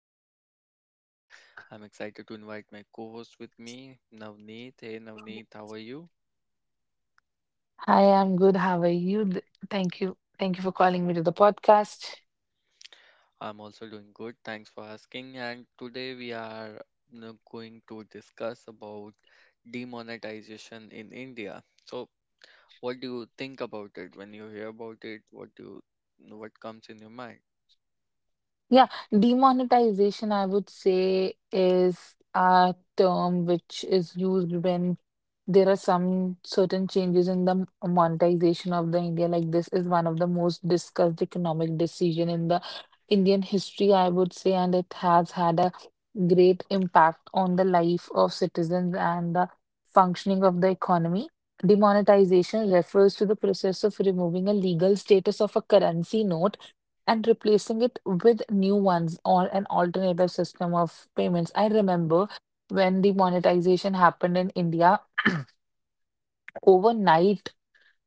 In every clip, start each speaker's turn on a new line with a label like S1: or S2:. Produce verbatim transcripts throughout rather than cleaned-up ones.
S1: Deepak and today I'm excited to invite my co-host with me, Navneet. Hey Navneet, how are you?
S2: Hi, I'm good. How are you? Th- Thank you. Thank you for calling me to the podcast.
S1: I'm also doing good. Thanks for asking. And today we are you know, going to discuss about demonetization in India. So, what do you think about it when you hear about it? What do you, what comes in your mind?
S2: Yeah, demonetization, I would say, is a term which is used when there are some certain changes in the m- monetization of the India. Like this is one of the most discussed economic decision in the Indian history, I would say, and it has had a great impact on the life of citizens and the functioning of the economy. Demonetization refers to the process of removing a legal status of a currency note and replacing it with new ones or an alternative system of payments. I remember when the monetization happened in India, overnight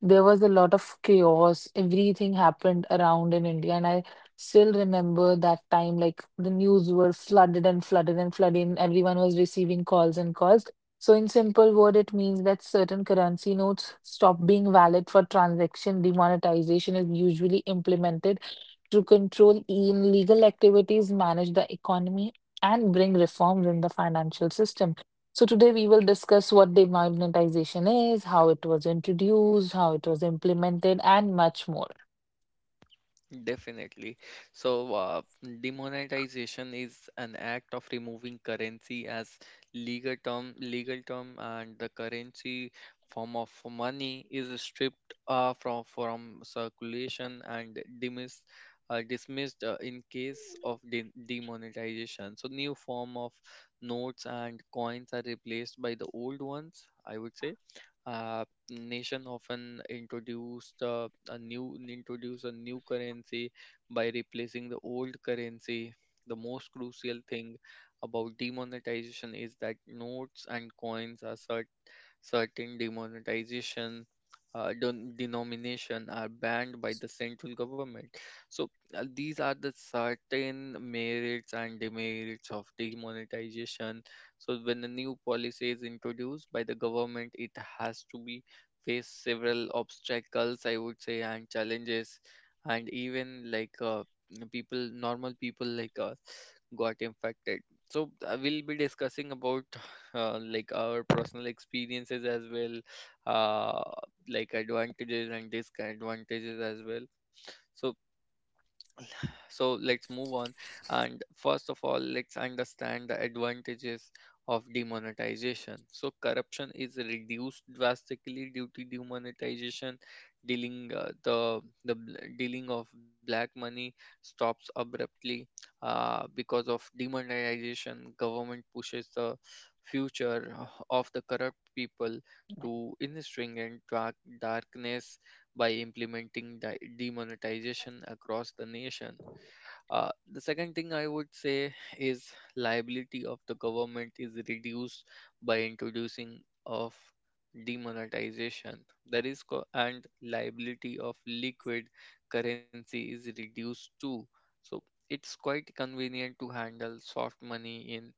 S2: there was a lot of chaos. Everything happened around in India, and I still remember that time like the news were flooded and flooded and flooded, and everyone was receiving calls and calls. So, in simple word, it means that certain currency notes stop being valid for transaction. Demonetization is usually implemented to control illegal activities, manage the economy, and bring reforms in the financial system. So, today we will discuss what demonetization is, how it was introduced, how it was implemented, and much more.
S1: Definitely. So, uh, demonetization is an act of removing currency as legal term, legal term, and the currency form of money is stripped uh, from from circulation and dismissed, uh, dismissed uh, in case of de- demonetization. So, new form of notes and coins are replaced by the old ones, I would say uh, nation often introduced uh, a new introduce a new currency by replacing the old currency. The most crucial thing about demonetization is that notes and coins are cer- certain demonetization uh, don- denomination are banned by the central government. So uh, these are the certain merits and demerits of demonetization. So when a new policy is introduced by the government, it has to be face several obstacles, I would say, and challenges, and even like uh, people, normal people like us, got infected. So I will be discussing about uh, like our personal experiences as well, uh, like advantages and disadvantages as well, so so let's move on and first of all let's understand the advantages of demonetization. So corruption is reduced drastically due to demonetization. Dealing uh, the the bl- Dealing of black money stops abruptly uh, because of demonetization. Government pushes the future of the corrupt people to industry and dark darkness by implementing di- demonetization across the nation. Uh, the second thing I would say is liability of the government is reduced by introducing of demonetization. That is, co- and liability of liquid currency is reduced too. So it's quite convenient to handle soft money in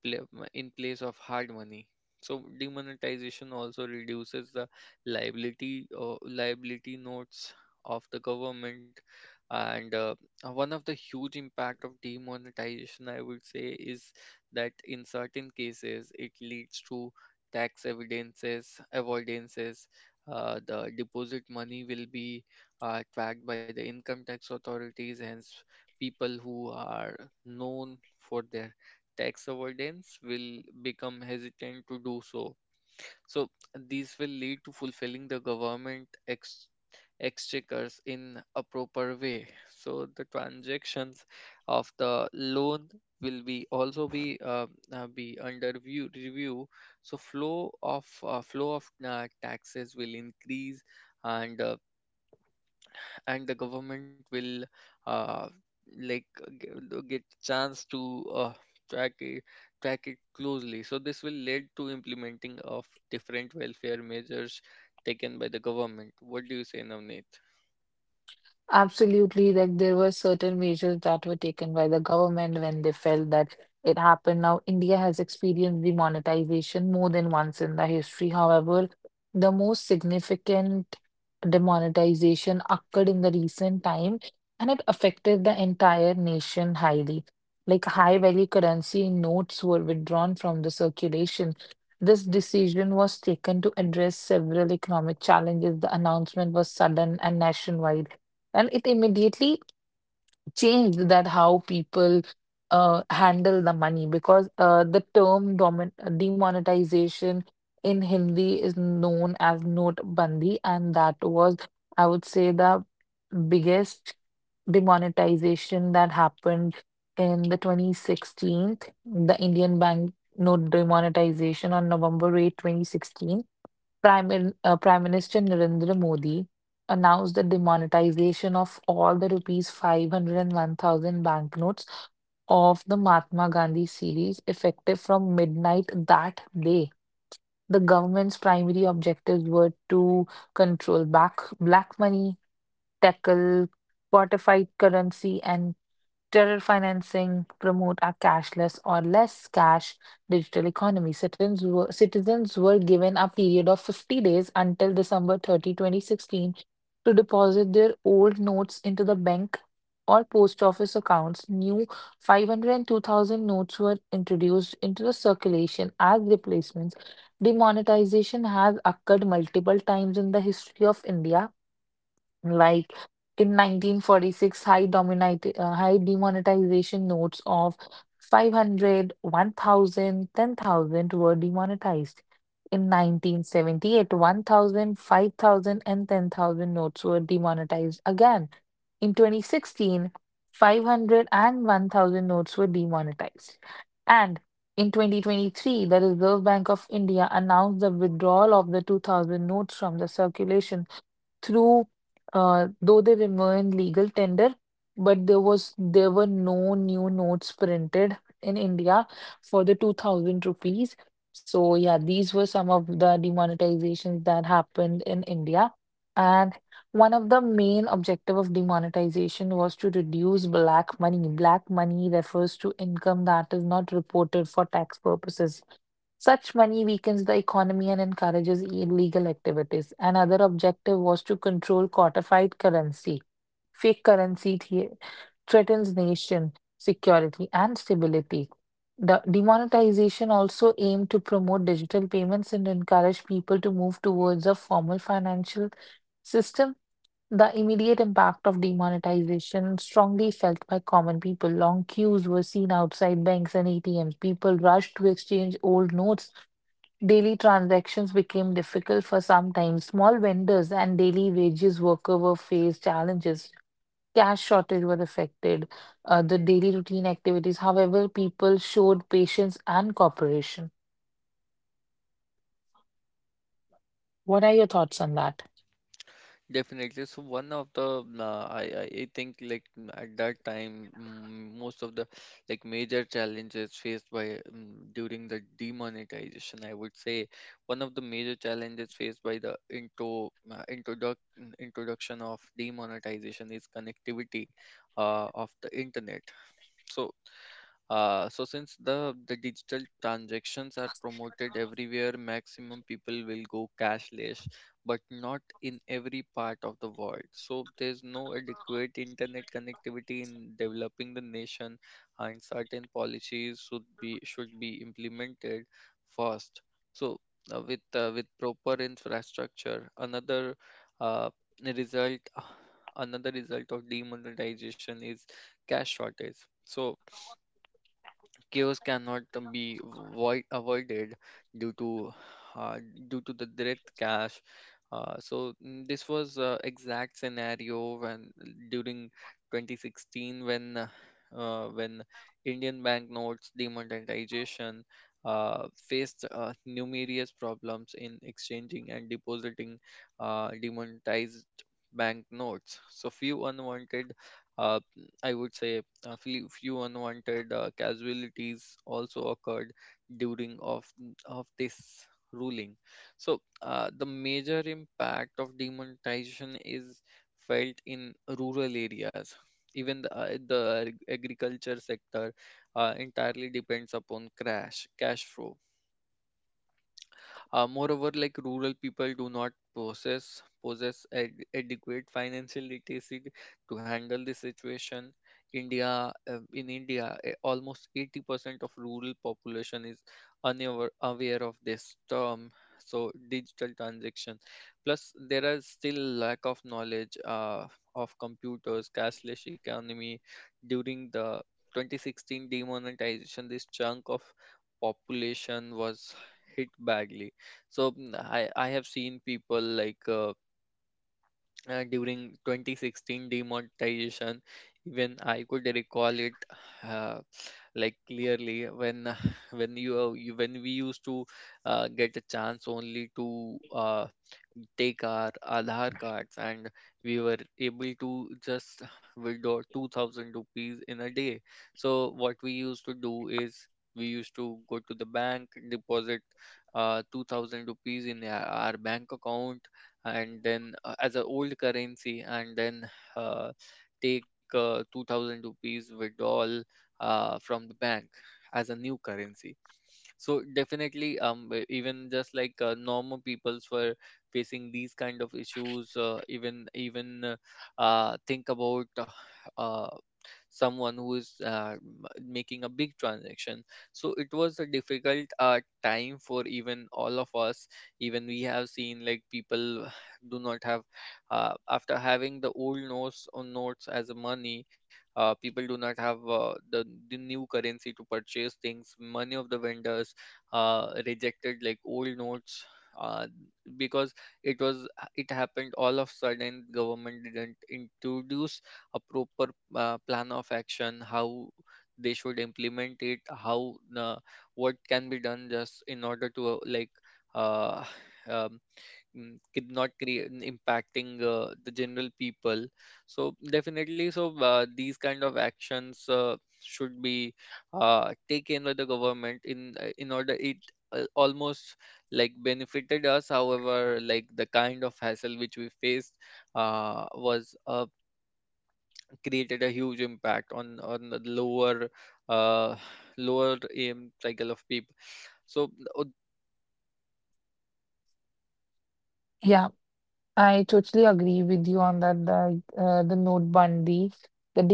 S1: pla- in place of hard money. So demonetization also reduces the liability or liability notes of the government. And uh, uh, One of the huge impact of demonetization I would say is that in certain cases it leads to tax evidences avoidances. Uh, the deposit money will be uh, tracked by the income tax authorities, hence people who are known for their tax avoidance will become hesitant to do so. So these will lead to fulfilling the government ex exchequers in a proper way. So the transactions of the loan will be also be uh, uh, be under view review. So flow of uh, flow of uh, taxes will increase and uh, and the government will uh, like uh, g- uh, get chance to uh, track it track it closely. So this will lead to implementing of different welfare measures taken by the government. What do you say, Navneet?
S2: Absolutely, like there were certain measures that were taken by the government when they felt that it happened. Now, India has experienced demonetization more than once in the history. However, the most significant demonetization occurred in the recent time, and it affected the entire nation highly. Like high value currency notes were withdrawn from the circulation. This decision was taken to address several economic challenges. The announcement was sudden and nationwide, and it immediately changed that how people uh, handle the money, because uh, the term domin- demonetization in Hindi is known as note bandi, and that was, I would say, the biggest demonetization that happened in the twenty sixteen. The Indian bank note demonetization on November eighth, twenty sixteen, Prime, Min- uh, Prime Minister Narendra Modi announced the demonetization of all the rupees five hundred and one thousand banknotes of the Mahatma Gandhi series, effective from midnight that day. The government's primary objectives were to control back black money, tackle fortified currency, and terror financing, promote a cashless or less cash digital economy. Citizens were, citizens were given a period of fifty days until December thirtieth, twenty sixteen to deposit their old notes into the bank or post office accounts. New five hundred and two thousand notes were introduced into the circulation as replacements. Demonetization has occurred multiple times in the history of India. Like in nineteen forty-six, high dominati- uh, high demonetization notes of five hundred, one thousand, ten thousand were demonetized. In nineteen seventy-eight, five thousand, and ten thousand notes were demonetized again. In twenty sixteen, five hundred and one thousand notes were demonetized. And in twenty twenty-three, the Reserve Bank of India announced the withdrawal of the two thousand notes from the circulation, through uh, though they remain legal tender. But there was there were no new notes printed in India for the two thousand rupees. So yeah, these were some of the demonetizations that happened in India. And one of the main objective of demonetization was to reduce black money. Black money refers to income that is not reported for tax purposes. Such money weakens the economy and encourages illegal activities. Another objective was to control codified currency. Fake currency the- threatens nation security and stability. The demonetization also aimed to promote digital payments and encourage people to move towards a formal financial system. The immediate impact of demonetization strongly felt by common people. Long queues were seen outside banks and A T Ms. People rushed to exchange old notes. Daily transactions became difficult for some time. Small vendors and daily wages worker were faced challenges. Cash shortage were affected. Uh, the daily routine activities, however, people showed patience and cooperation. What are your thoughts on that?
S1: Definitely. So one of the uh, I I I think like m- at that time, mm, most of the like major challenges faced by um, during the demonetization, I would say, one of the major challenges faced by the intro uh, introduc mm, introduction of demonetization is connectivity uh, of the internet. So uh, so since the, the digital transactions are promoted everywhere, maximum people will go cashless, but not in every part of the world. So there's no adequate internet connectivity in developing the nation, and certain policies should be should be implemented first. So uh, with uh, with proper infrastructure, another uh, result another result of demonetization is cash shortage. So chaos cannot be voi- avoided due to uh, due to the direct cash. Uh, so mm, this was uh, exact scenario when during twenty sixteen when uh, uh, when Indian banknotes demonetization uh, faced uh, numerous problems in exchanging and depositing uh, demonetized banknotes. So few unwanted, uh, I would say, a few, few unwanted uh, casualties also occurred during of of this ruling. So uh, the major impact of demonetization is felt in rural areas. Even the, uh, the agriculture sector uh, entirely depends upon crash cash flow. Uh, moreover, like rural people do not possess possess ad- adequate financial literacy to handle the situation. India, uh, in India, eh, almost eighty percent of rural population is unaware aware of this term. So digital transaction. Plus, there is still lack of knowledge uh, of computers, cashless economy. During the twenty sixteen demonetization, this chunk of population was hit badly. So mm, i i have seen people like uh, uh, during twenty sixteen demonetization, even I could recall it uh, like clearly when uh, when you, uh, you when we used to uh, get a chance only to uh, take our Aadhaar cards and we were able to just withdraw two thousand rupees in a day. So, what we used to do is we used to go to the bank, deposit uh, two thousand rupees in our our bank account, and then uh, as an old currency, and then uh, take uh, two thousand rupees withdrawal uh, from the bank as a new currency. So definitely, um e- even just like uh, normal peoples were facing these kind of issues. Uh, even even uh, uh, Think about uh, someone who is uh, m- making a big transaction. So it was a difficult uh, time for even all of us. Even we have seen like people do not have uh, after having the old notes on notes as a money, uh, people do not have uh, the, the new currency to purchase things. Many of the vendors uh, rejected like old notes uh, because it was, it happened all of sudden. Government didn't introduce a proper uh, plan of action how they should implement it, how uh, what can be done just in order to uh, like uh, um, mm, could not create mm, impacting uh, the general people. So definitely, so uh, these kind of actions uh, should be uh, taken by the government in uh, in order it uh, almost like benefited us, however, like the kind of hassle which we faced uh, was a created a huge impact on on the lower uh, lower um, cycle of people. So o- the overnight act of changing the currency of the
S2: Yeah.
S1: nation sometimes
S2: I totally
S1: something
S2: agree with you on that.
S1: that
S2: The uh, the
S1: India has
S2: Notbandi,
S1: witnessed
S2: the
S1: before,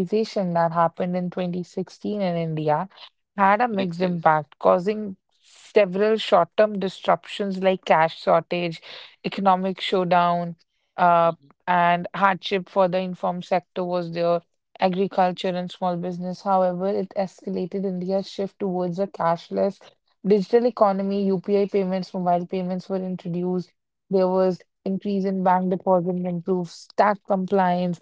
S1: even uh,
S2: that happened
S1: Tughlaq
S2: in
S1: in
S2: twenty sixteen in
S1: fourteenth
S2: India
S1: century
S2: had a mixed
S1: replaced.
S2: impact, causing several short-term disruptions like cash shortage, economic showdown, uh,
S1: Mm-hmm.
S2: and hardship for the informed sector was there, agriculture and small business. However, it escalated India's shift towards a cashless digital economy. U P I payments, mobile payments were introduced. There was increase in bank deposit, improves tax compliance,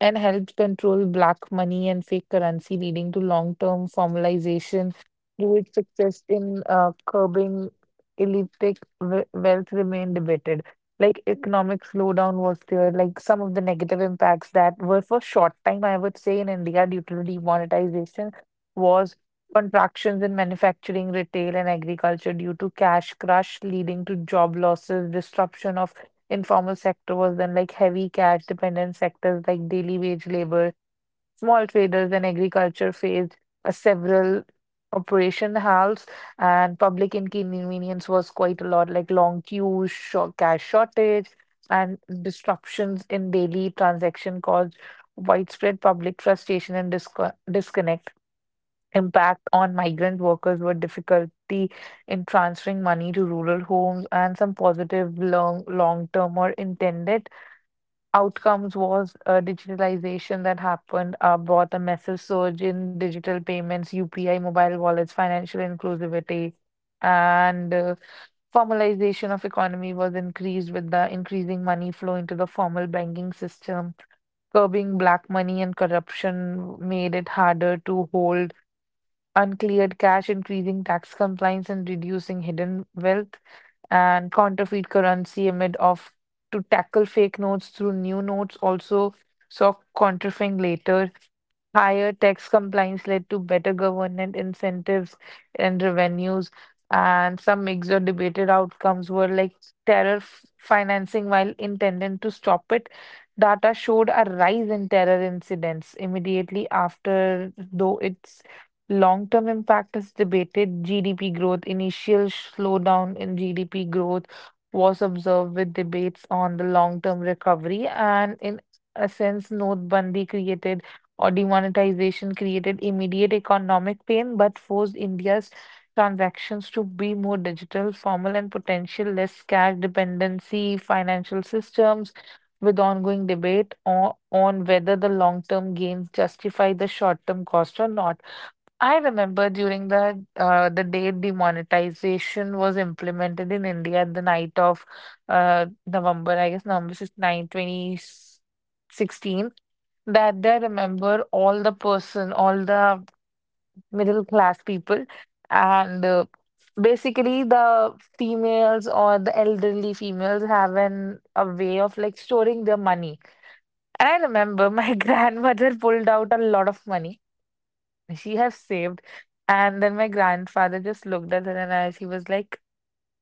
S2: and helps control black money and fake currency, leading to long term formalization. Do its success in uh, curbing illicit we- wealth remain debated. Like economic slowdown was there, like some of the negative impacts that were for short time, I would say, in India due to demonetization was contractions in manufacturing, retail, and agriculture due to cash crush, leading to job losses, disruption of informal sector was then, like heavy cash dependent sectors like daily wage labor, small traders and agriculture faced uh, several operation halts, and public inconvenience was quite a lot, like long queues, short cash shortage, and disruptions in daily transaction caused widespread public frustration and disco disconnect. Impact on migrant workers were difficulty in transferring money to rural homes, and some positive long long-term or intended outcomes was uh, digitalization that happened uh, brought a massive surge in digital payments, U P I, mobile wallets, financial inclusivity, and uh, formalization of economy was increased with the increasing money flow into the formal banking system, curbing black money and corruption made it harder to hold uncleared cash, increasing tax compliance and reducing hidden wealth, and counterfeit currency amid of to tackle fake notes through new notes also saw counterfeiting later. Higher tax compliance led to better government incentives and revenues, and some mixed or debated outcomes were like terror f- financing while intended to stop it. Data showed a rise in terror incidents immediately after, though it long-term impact is debated. G D P growth, initial slowdown in G D P growth was observed with debates on the long-term recovery, and in a sense, Notbandi created or demonetization created immediate economic pain, but forced India's transactions to be more digital, formal, and potential less cash dependency financial systems. With ongoing debate on, on whether the long-term gains justify the short-term cost or not. I remember during the uh, the day demonetization was implemented in India, the night of uh, November, I guess November 9, 2016, that day, I remember all the person, all the middle class people, and uh, basically the females or the elderly females have an a way of like storing their money. And I remember my grandmother pulled out a lot of money she have saved. And then my grandfather just looked at her and I, he was like,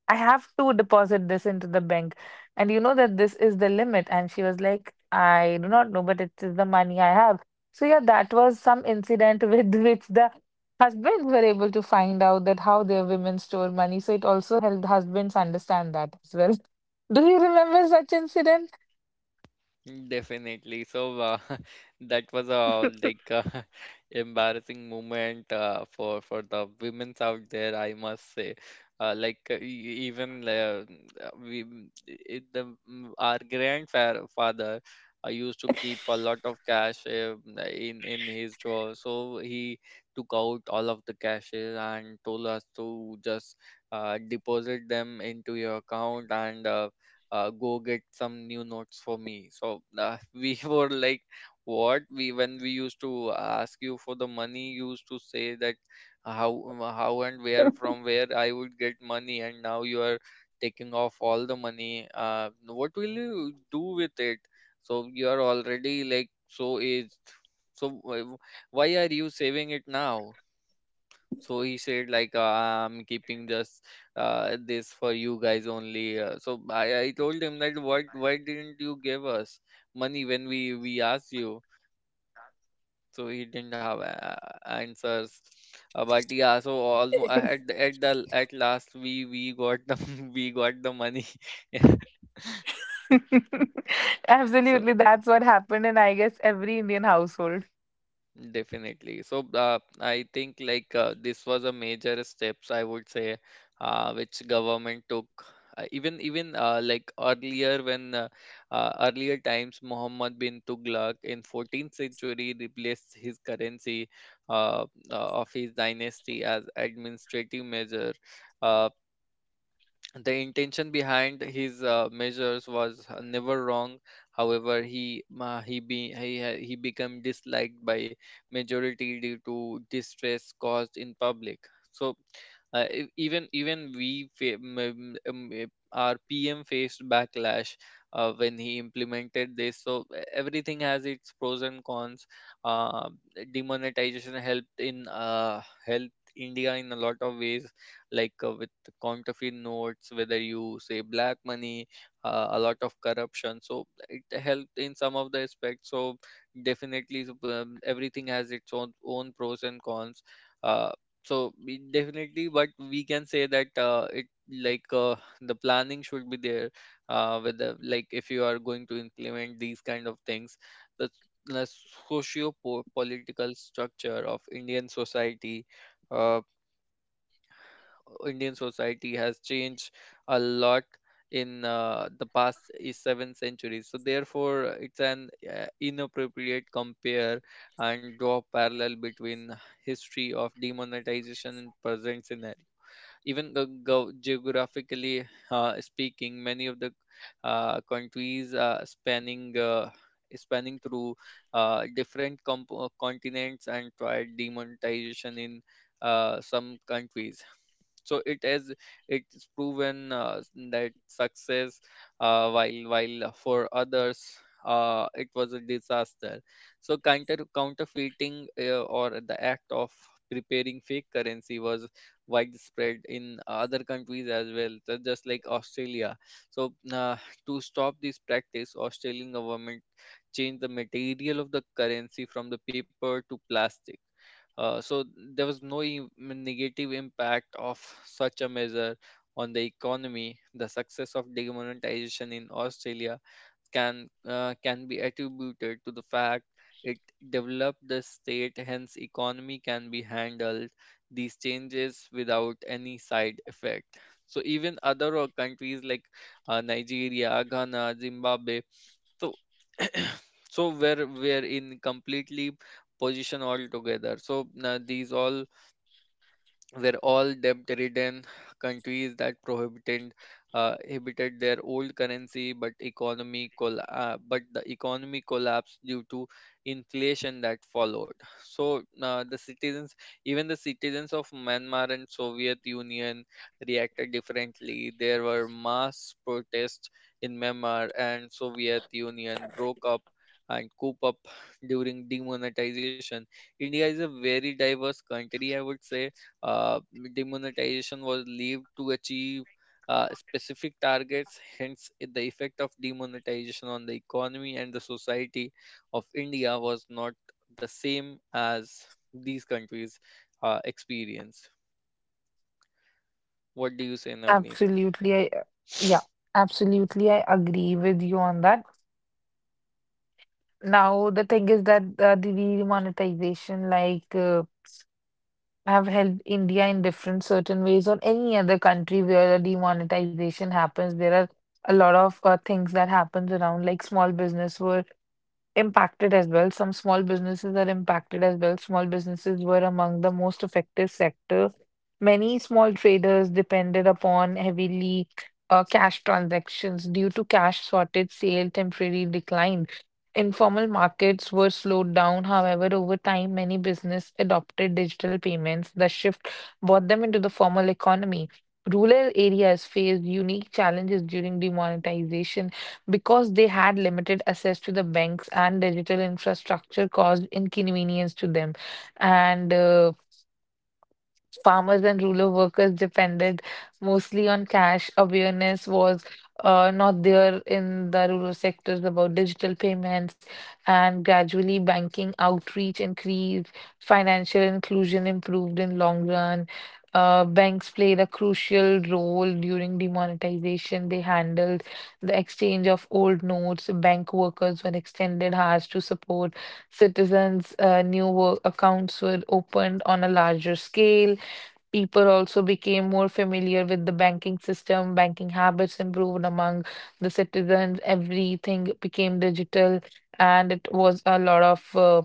S2: I have to deposit this into the bank. And you know that this is the limit. And she was like, I do not know, but it is the money I have. So yeah, that was some incident with which the husbands were able to find out that how their women store money. So it also helped husbands understand that as well. Do you remember such incident?
S1: Definitely. So uh, that was a like uh, embarrassing moment uh, for for the women's out there, I must say. Uh, like uh, e- even uh, We it, the mm, our grandfather uh, used to keep a lot of cash uh, in in his drawer. So he took out all of the cashes and told us to just uh, deposit them into your account and. Uh, uh, go get some new notes for me. So uh, we were like, what, we when we used to ask you for the money you used to say that how how and where, from where I would get money, and now you are taking off all the money. Uh, what will you do with it? So you are already like so aged, so wh- why are you saving it now? So he said like uh, I'm keeping just uh, this for you guys only. Uh, so I, I told him that what, why didn't you give us money when we we asked you. So he didn't have uh, answers. Uh, but yeah, so almost at the- at the at last we we got the we got the money. So.
S2: Absolutely, that's what happened in I guess every Indian household.
S1: Definitely. So uh, I think like uh, this was a major steps, I would say, uh, which government took. Uh, even even uh, Like earlier when uh, uh, earlier times Muhammad bin Tughlaq in fourteenth century replaced his currency uh, uh, of his dynasty as administrative measure. Uh, the intention behind his uh, measures was uh, never wrong. However, he ma he be he ha- he became disliked by majority due to distress caused in public. So uh, e- even even we fa- m- m- m- m- our P M faced backlash uh, when he implemented this. So e- everything has its pros and cons. Uh, Demonetization helped in uh, helped India in a lot of ways like uh, with counterfeit notes, whether you say black money, uh, a lot of corruption. So it helped in some of the aspects. So definitely, so, um, everything has its own own pros and cons. uh, so we definitely, but we can say that uh, it like uh, the planning should be there, uh, whether like if you are going to implement these kind of things, the the socio-political structure of Indian society, uh, Indian society has changed a lot in uh, the past i- seven centuries. So therefore, it's an uh, inappropriate compare and draw parallel between history of demonetization and present scenario, even the geo- geographically uh, speaking. Many of the uh, countries uh, spanning uh, spanning through uh, different comp- uh, continents and tried demonetization in uh, some countries, so it has, it's proven uh, that success, uh, while while for others uh, it was a disaster. So counter counterfeiting, uh, or the act of preparing fake currency, was widespread in other countries as well, so just like Australia. So uh, to stop this practice, Australian government changed the material of the currency from the paper to plastic. Uh, so there was no e- negative impact of such a measure on the economy. The success of demonetization in Australia can uh, can be attributed to the fact it developed the state, hence economy can be handled these changes without any side effect. So even other uh, countries like uh, Nigeria, Ghana, Zimbabwe, so so we're we're in completely position altogether. So uh, these all were all debt-ridden countries that prohibited uh, inhibited their old currency, but economy coll- uh, but the economy collapsed due to inflation that followed. So uh, the citizens, Even the citizens of Myanmar and Soviet Union reacted differently. There were mass protests in Myanmar, and Soviet Union broke up and coup up during demonetization. India is a very diverse country, I would say. uh, Demonetization was believed to achieve uh, specific targets, hence, i- the effect of demonetization on the economy and the society of India was not the same as these countries uh, experience. What do you say, Navneet?
S2: Absolutely, I uh, yeah, absolutely, I agree with you on that. Now, the thing is that uh, the demonetization, like, uh, have helped India in different certain ways, or any other country where a demonetization happens. There are a lot of uh, things that happens around, like small business were impacted as well. Some small businesses are impacted as well. Small businesses were among the most affected sector. Many small traders depended upon heavily uh, cash transactions due to cash shortage, sale temporarily declined. Informal markets were slowed down. However, over time, many business adopted digital payments. The shift brought them into the formal economy. Rural areas faced unique challenges during demonetization because they had limited access to the banks and digital infrastructure caused inconvenience to them, and uh, farmers and rural workers depended mostly on cash. Awareness was uh, not there in the rural sectors about digital payments, and gradually banking outreach increased, financial inclusion improved in long run. Uh, banks played a crucial role during demonetization. They handled the exchange of old notes. Bank workers were extended hours to support citizens. Uh, new work accounts were opened on a larger scale. People also became more familiar with the banking system, banking habits improved among the citizens, everything became digital, and it was a lot of uh,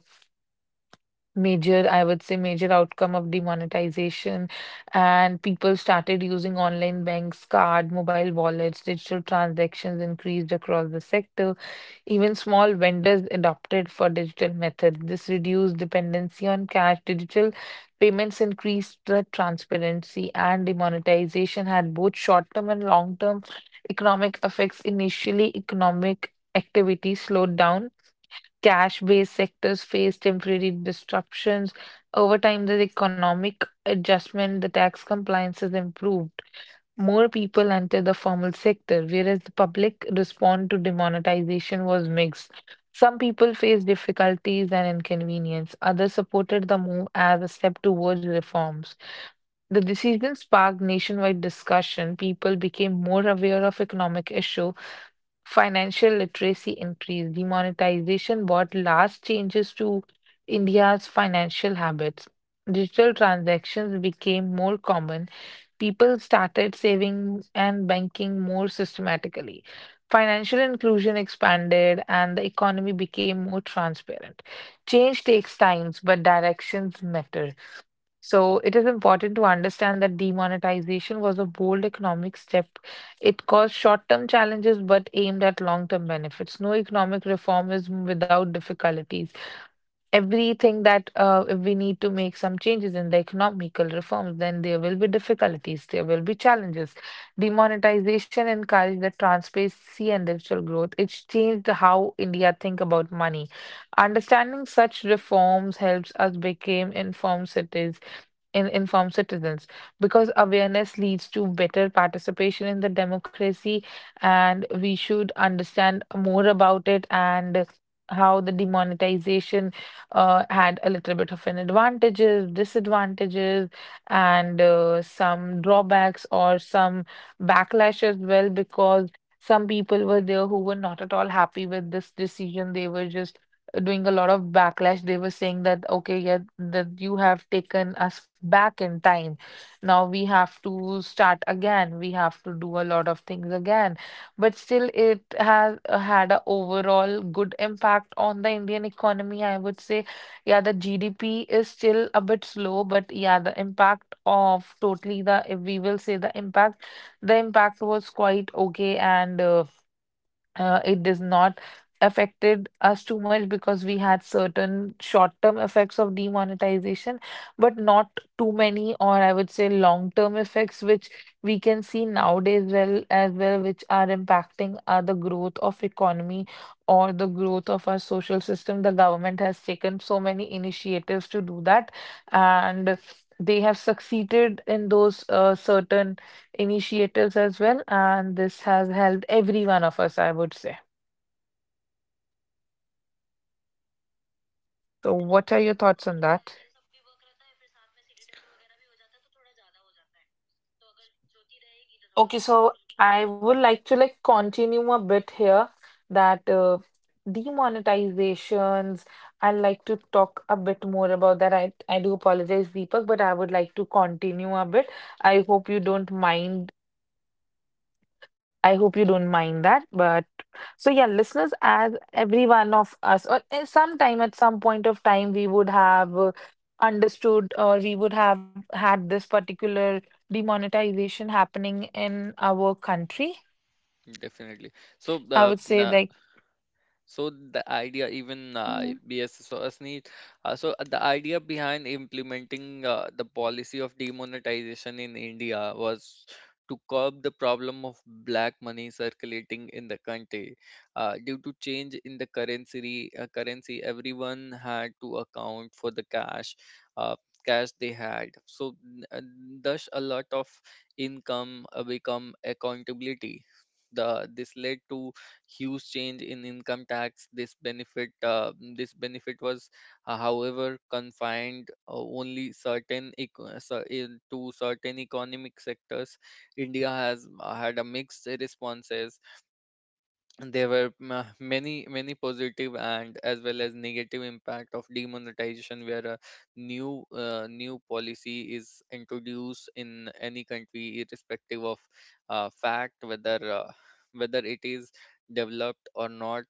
S2: major, I would say, major outcome of demonetization. And people started using online banks, card, mobile wallets, digital transactions increased across the sector. Even small vendors adopted for digital methods. This reduced dependency on cash. Digital payments increased the transparency, and demonetization had both short-term and long-term economic effects. Initially, economic activity slowed down. Cash-based sectors faced temporary disruptions. Over time, the economic adjustment, the tax compliances improved. More people entered the formal sector, whereas the public response to demonetization was mixed. Some people faced difficulties and inconvenience, others supported the move as a step towards reforms. The decision sparked nationwide discussion. People became more aware of economic issue, financial literacy increased. Demonetization brought large changes to India's financial habits. Digital transactions became more common, people started saving and banking more systematically. Financial inclusion expanded and the economy became more transparent. Change takes times, but directions matter. So it is important to understand that demonetization was a bold economic step. It caused short-term challenges but aimed at long-term benefits. No economic reform is without difficulties, everything that uh, if we need to make some changes in the economical reforms, then there will be difficulties, there will be challenges. Demonetization encouraged the transparency and digital growth. It's changed how India think about money. Understanding such reforms helps us become informed citizens, in informed citizens, because awareness leads to better participation in the democracy, and we should understand more about it and how the demonetization uh, had a little bit of an advantages disadvantages, and uh, some drawbacks or some backlash as well, because some people were there who were not at all happy with this decision. They were just doing a lot of backlash. They were saying that, okay, yeah, that you have taken us back in time. Now we have to start again. We have to do a lot of things again. But still, it has uh, had a overall good impact on the Indian economy. I would say, yeah, the G D P is still a bit slow, but yeah, the impact of totally the, if we will say the impact, the impact was quite okay and. Uh, uh, it does not affected us too much because we had certain short-term effects of demonetization, but not too many, or I would say long-term effects, which we can see nowadays well as well, which are impacting uh, the growth of economy or the growth of our social system. The government has taken so many initiatives to do that, and they have succeeded in those uh, certain initiatives as well, and this has helped every one of us, I would say. So, what are your thoughts on that? Okay, so I would like to like continue a bit here that uh, demonetizations. I'd like to talk a bit more about that. I I do apologize, Deepak, but I would like to continue a bit. I hope you don't mind. I hope you don't mind that, but so yeah, listeners, as every one of us, or at some time, at some point of time, we would have uh, understood, or we would have had this particular demonetization happening in our country.
S1: Definitely. So,
S2: I
S1: uh,
S2: would say like,
S1: So the idea, even uh,
S2: mm,
S1: B S S O S need. Uh, so the idea behind implementing uh, the policy of demonetization in India was to curb the problem of black money circulating in the country. Uh, due to change in the currency, uh, currency, everyone had to account for the cash. Uh, Cash they had, so uh, thus a lot of income uh, become accountability. The this led to huge change in income tax. This benefit, uh, this benefit was, uh, however, confined uh, only certain eco- uh, cer- in- to certain economic sectors. India has uh, had a mixed responses. There were ma- many many positive and as well as negative impact of demonetization. Where a new uh, new policy is introduced in any country, irrespective of uh, fact whether uh, whether it is developed or not,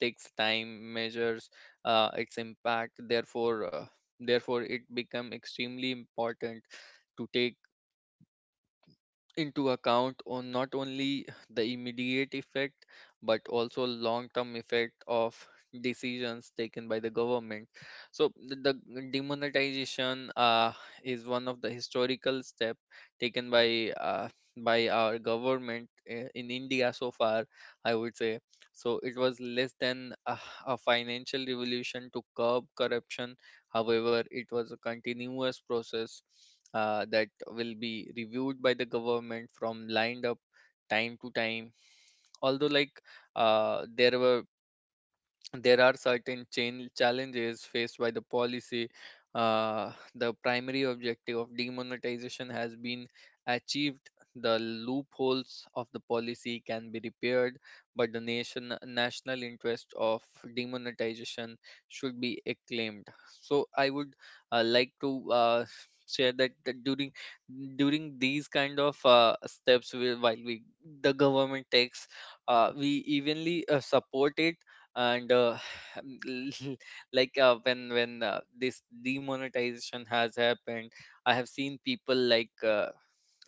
S1: takes time measures uh, its impact. Therefore uh, therefore it become extremely important to take into account on not only the immediate effect, but also long term effect of decisions taken by the government. So the, the demonetization uh, is one of the historical step taken by uh, by our government i- in India so far, I would say. So it was less than a, a financial revolution to curb corruption. However, it was a continuous process uh, that will be reviewed by the government from lined up time to time. Although, like, uh, there were there are certain chain challenges faced by the policy. Uh, the primary objective of demonetization has been achieved. The loopholes of the policy can be repaired, but the nation national interest of demonetization should be acclaimed. So I would, uh, like to, uh, share that, that during during these kind of uh, steps, we, while we the government takes, uh, we evenly uh, support it. And uh, like, uh, when when uh, this demonetization has happened, I have seen people like, uh,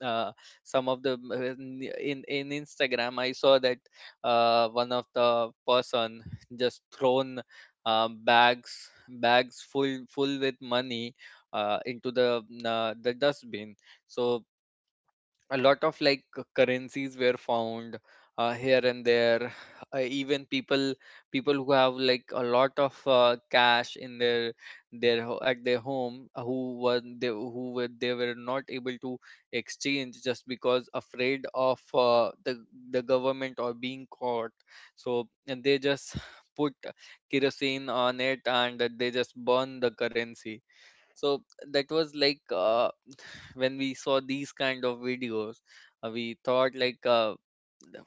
S1: uh, some of the, in in Instagram, I saw that uh, one of the person just thrown uh, bags bags full full with money uh, into the uh, the dustbin. So a lot of like c- currencies were found uh, here and there. Uh, even people, people who have like a lot of uh, cash in their their ho- at their home, uh, who were they who were they were not able to exchange, just because afraid of uh, the the government or being caught. So, and they just put kerosene on it, and they just burn the currency. So that was like, uh, when we saw these kind of videos, uh, we thought like, uh,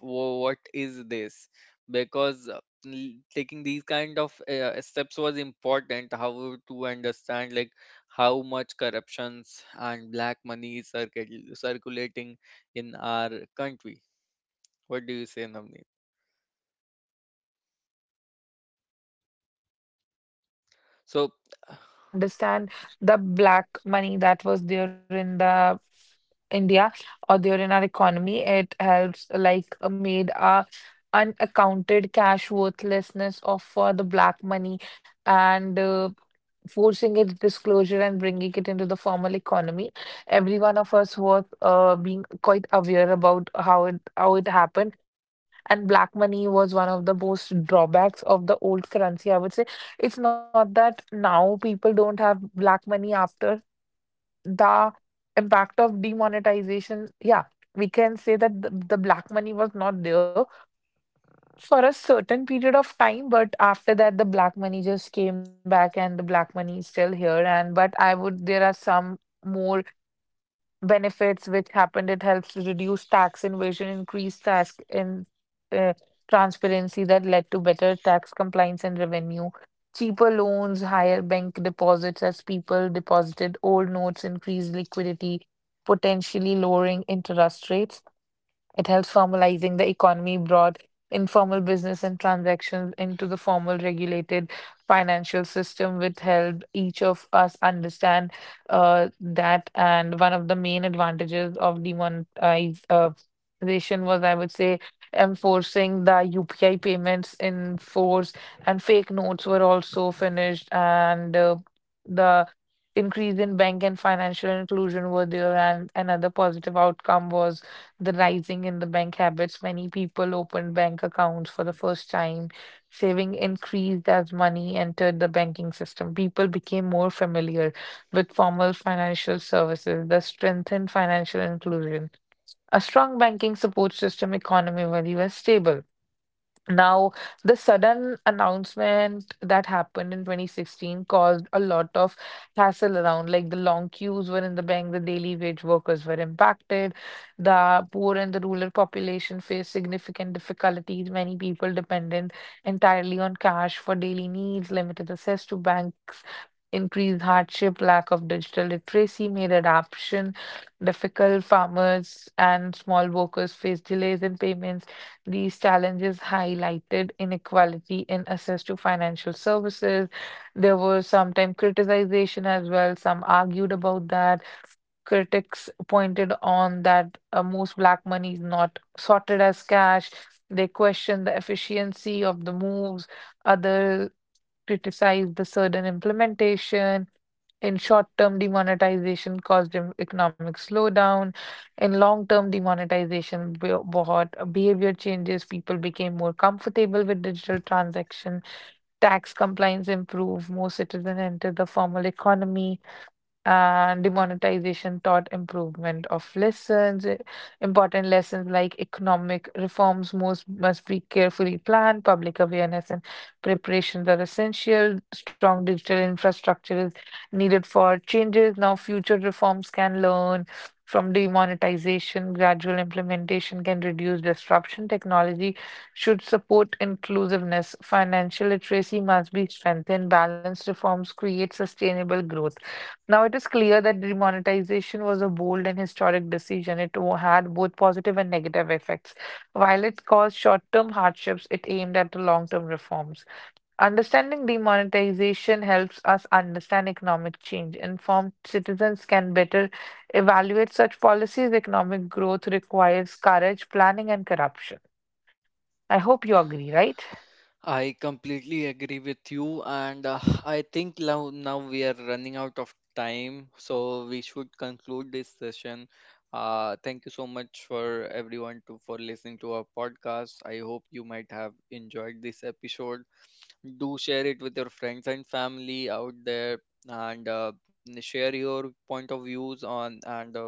S1: "Wha- What is this? Because uh, l- taking these kind of uh, steps was important. How to understand like how much corruptions and black money is circul- circulating in our country? What do you say, Namni?
S2: absolutely
S1: So
S2: it helped us understand the black money that was there in the India, or there in our economy. It helps like uh, made our unaccounted cash worthlessness of uh, the black money, and uh, forcing its disclosure and bringing it into the formal economy. Every one of us was uh, being quite aware about how it how it happened. And black money was one of the most drawbacks of the old currency. I would say it's not that now people don't have black money after the impact of demonetization. Yeah, we can say that the, the black money was not there for a certain period of time, but after that, the black money just came back and the black money is still here. And but I would, there are some more benefits which happened. It helps reduce tax invasion, increase tax in uh, transparency that led to better tax compliance and revenue, cheaper loans, higher bank deposits as people deposited old notes, increased liquidity, potentially lowering interest rates. It helps formalizing the economy, brought informal business and transactions into the formal regulated financial system, which helped each of us understand uh, that. And one of the main advantages of demonetization was, I would say, enforcing the U P I payments in force, and fake notes were also finished, and uh, the increase in bank and financial inclusion were there, and another positive outcome was the rising in the bank habits. Many people opened bank accounts for the first time. Saving increased as money entered the banking system. People became more familiar with formal financial services, thus strengthened financial inclusion. A strong banking support system economy when you are stable. Now, the sudden announcement that happened in two thousand sixteen caused a lot of hassle around. Like the long queues were in the bank, the daily wage workers were impacted, the poor and the rural population faced significant difficulties. Many people dependent entirely on cash for daily needs, limited access to bank increased hardship, lack of digital literacy made adoption difficult. Farmers and small workers face delays in payments. These challenges highlighted inequality in access to financial services. There was sometimes criticization as well. Some argued about that. Critics pointed on that, uh, most black money is not sorted as cash. They questioned the efficiency of the moves. Others criticized the sudden implementation. In short-term, demonetization caused an economic slowdown. In long-term, demonetization bro- brought behavior changes. People became more comfortable with digital transaction. Tax compliance improved. More citizens entered the formal economy, and demonetization taught improvement of lessons, i- important lessons like economic reforms most must be carefully planned, public awareness and preparations are essential, strong digital infrastructure is needed for changes. Now future reforms can learn from demonetization, gradual implementation can reduce disruption. Technology should support inclusiveness. Financial literacy must be strengthened. Balanced reforms create sustainable growth. Now, it is clear that demonetization was a bold and historic decision. It wo- had both positive and negative effects. While it caused short-term hardships, it aimed at the long-term reforms. Understanding demonetization helps us understand economic change. Informed citizens can better evaluate such policies. Economic growth requires courage, planning, and corruption. I hope you agree, right?
S1: I completely agree with you, and uh, I think now, now we are running out of time, so we should conclude this session. Uh, thank you so much for everyone to for listening to our podcast. I hope you might have enjoyed this episode. Do share it with your friends and family out there, and uh, n- share your point of views on, and uh,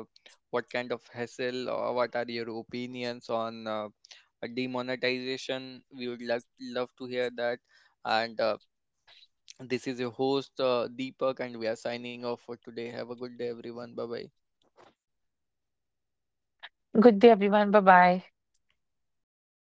S1: what kind of hassle or what are your opinions on uh, a demonetization. We would like love to hear that. And uh, this is your host, uh, Deepak, and we are signing off for today. Have a good day, everyone. Bye bye.
S2: Good day, everyone. Bye-bye.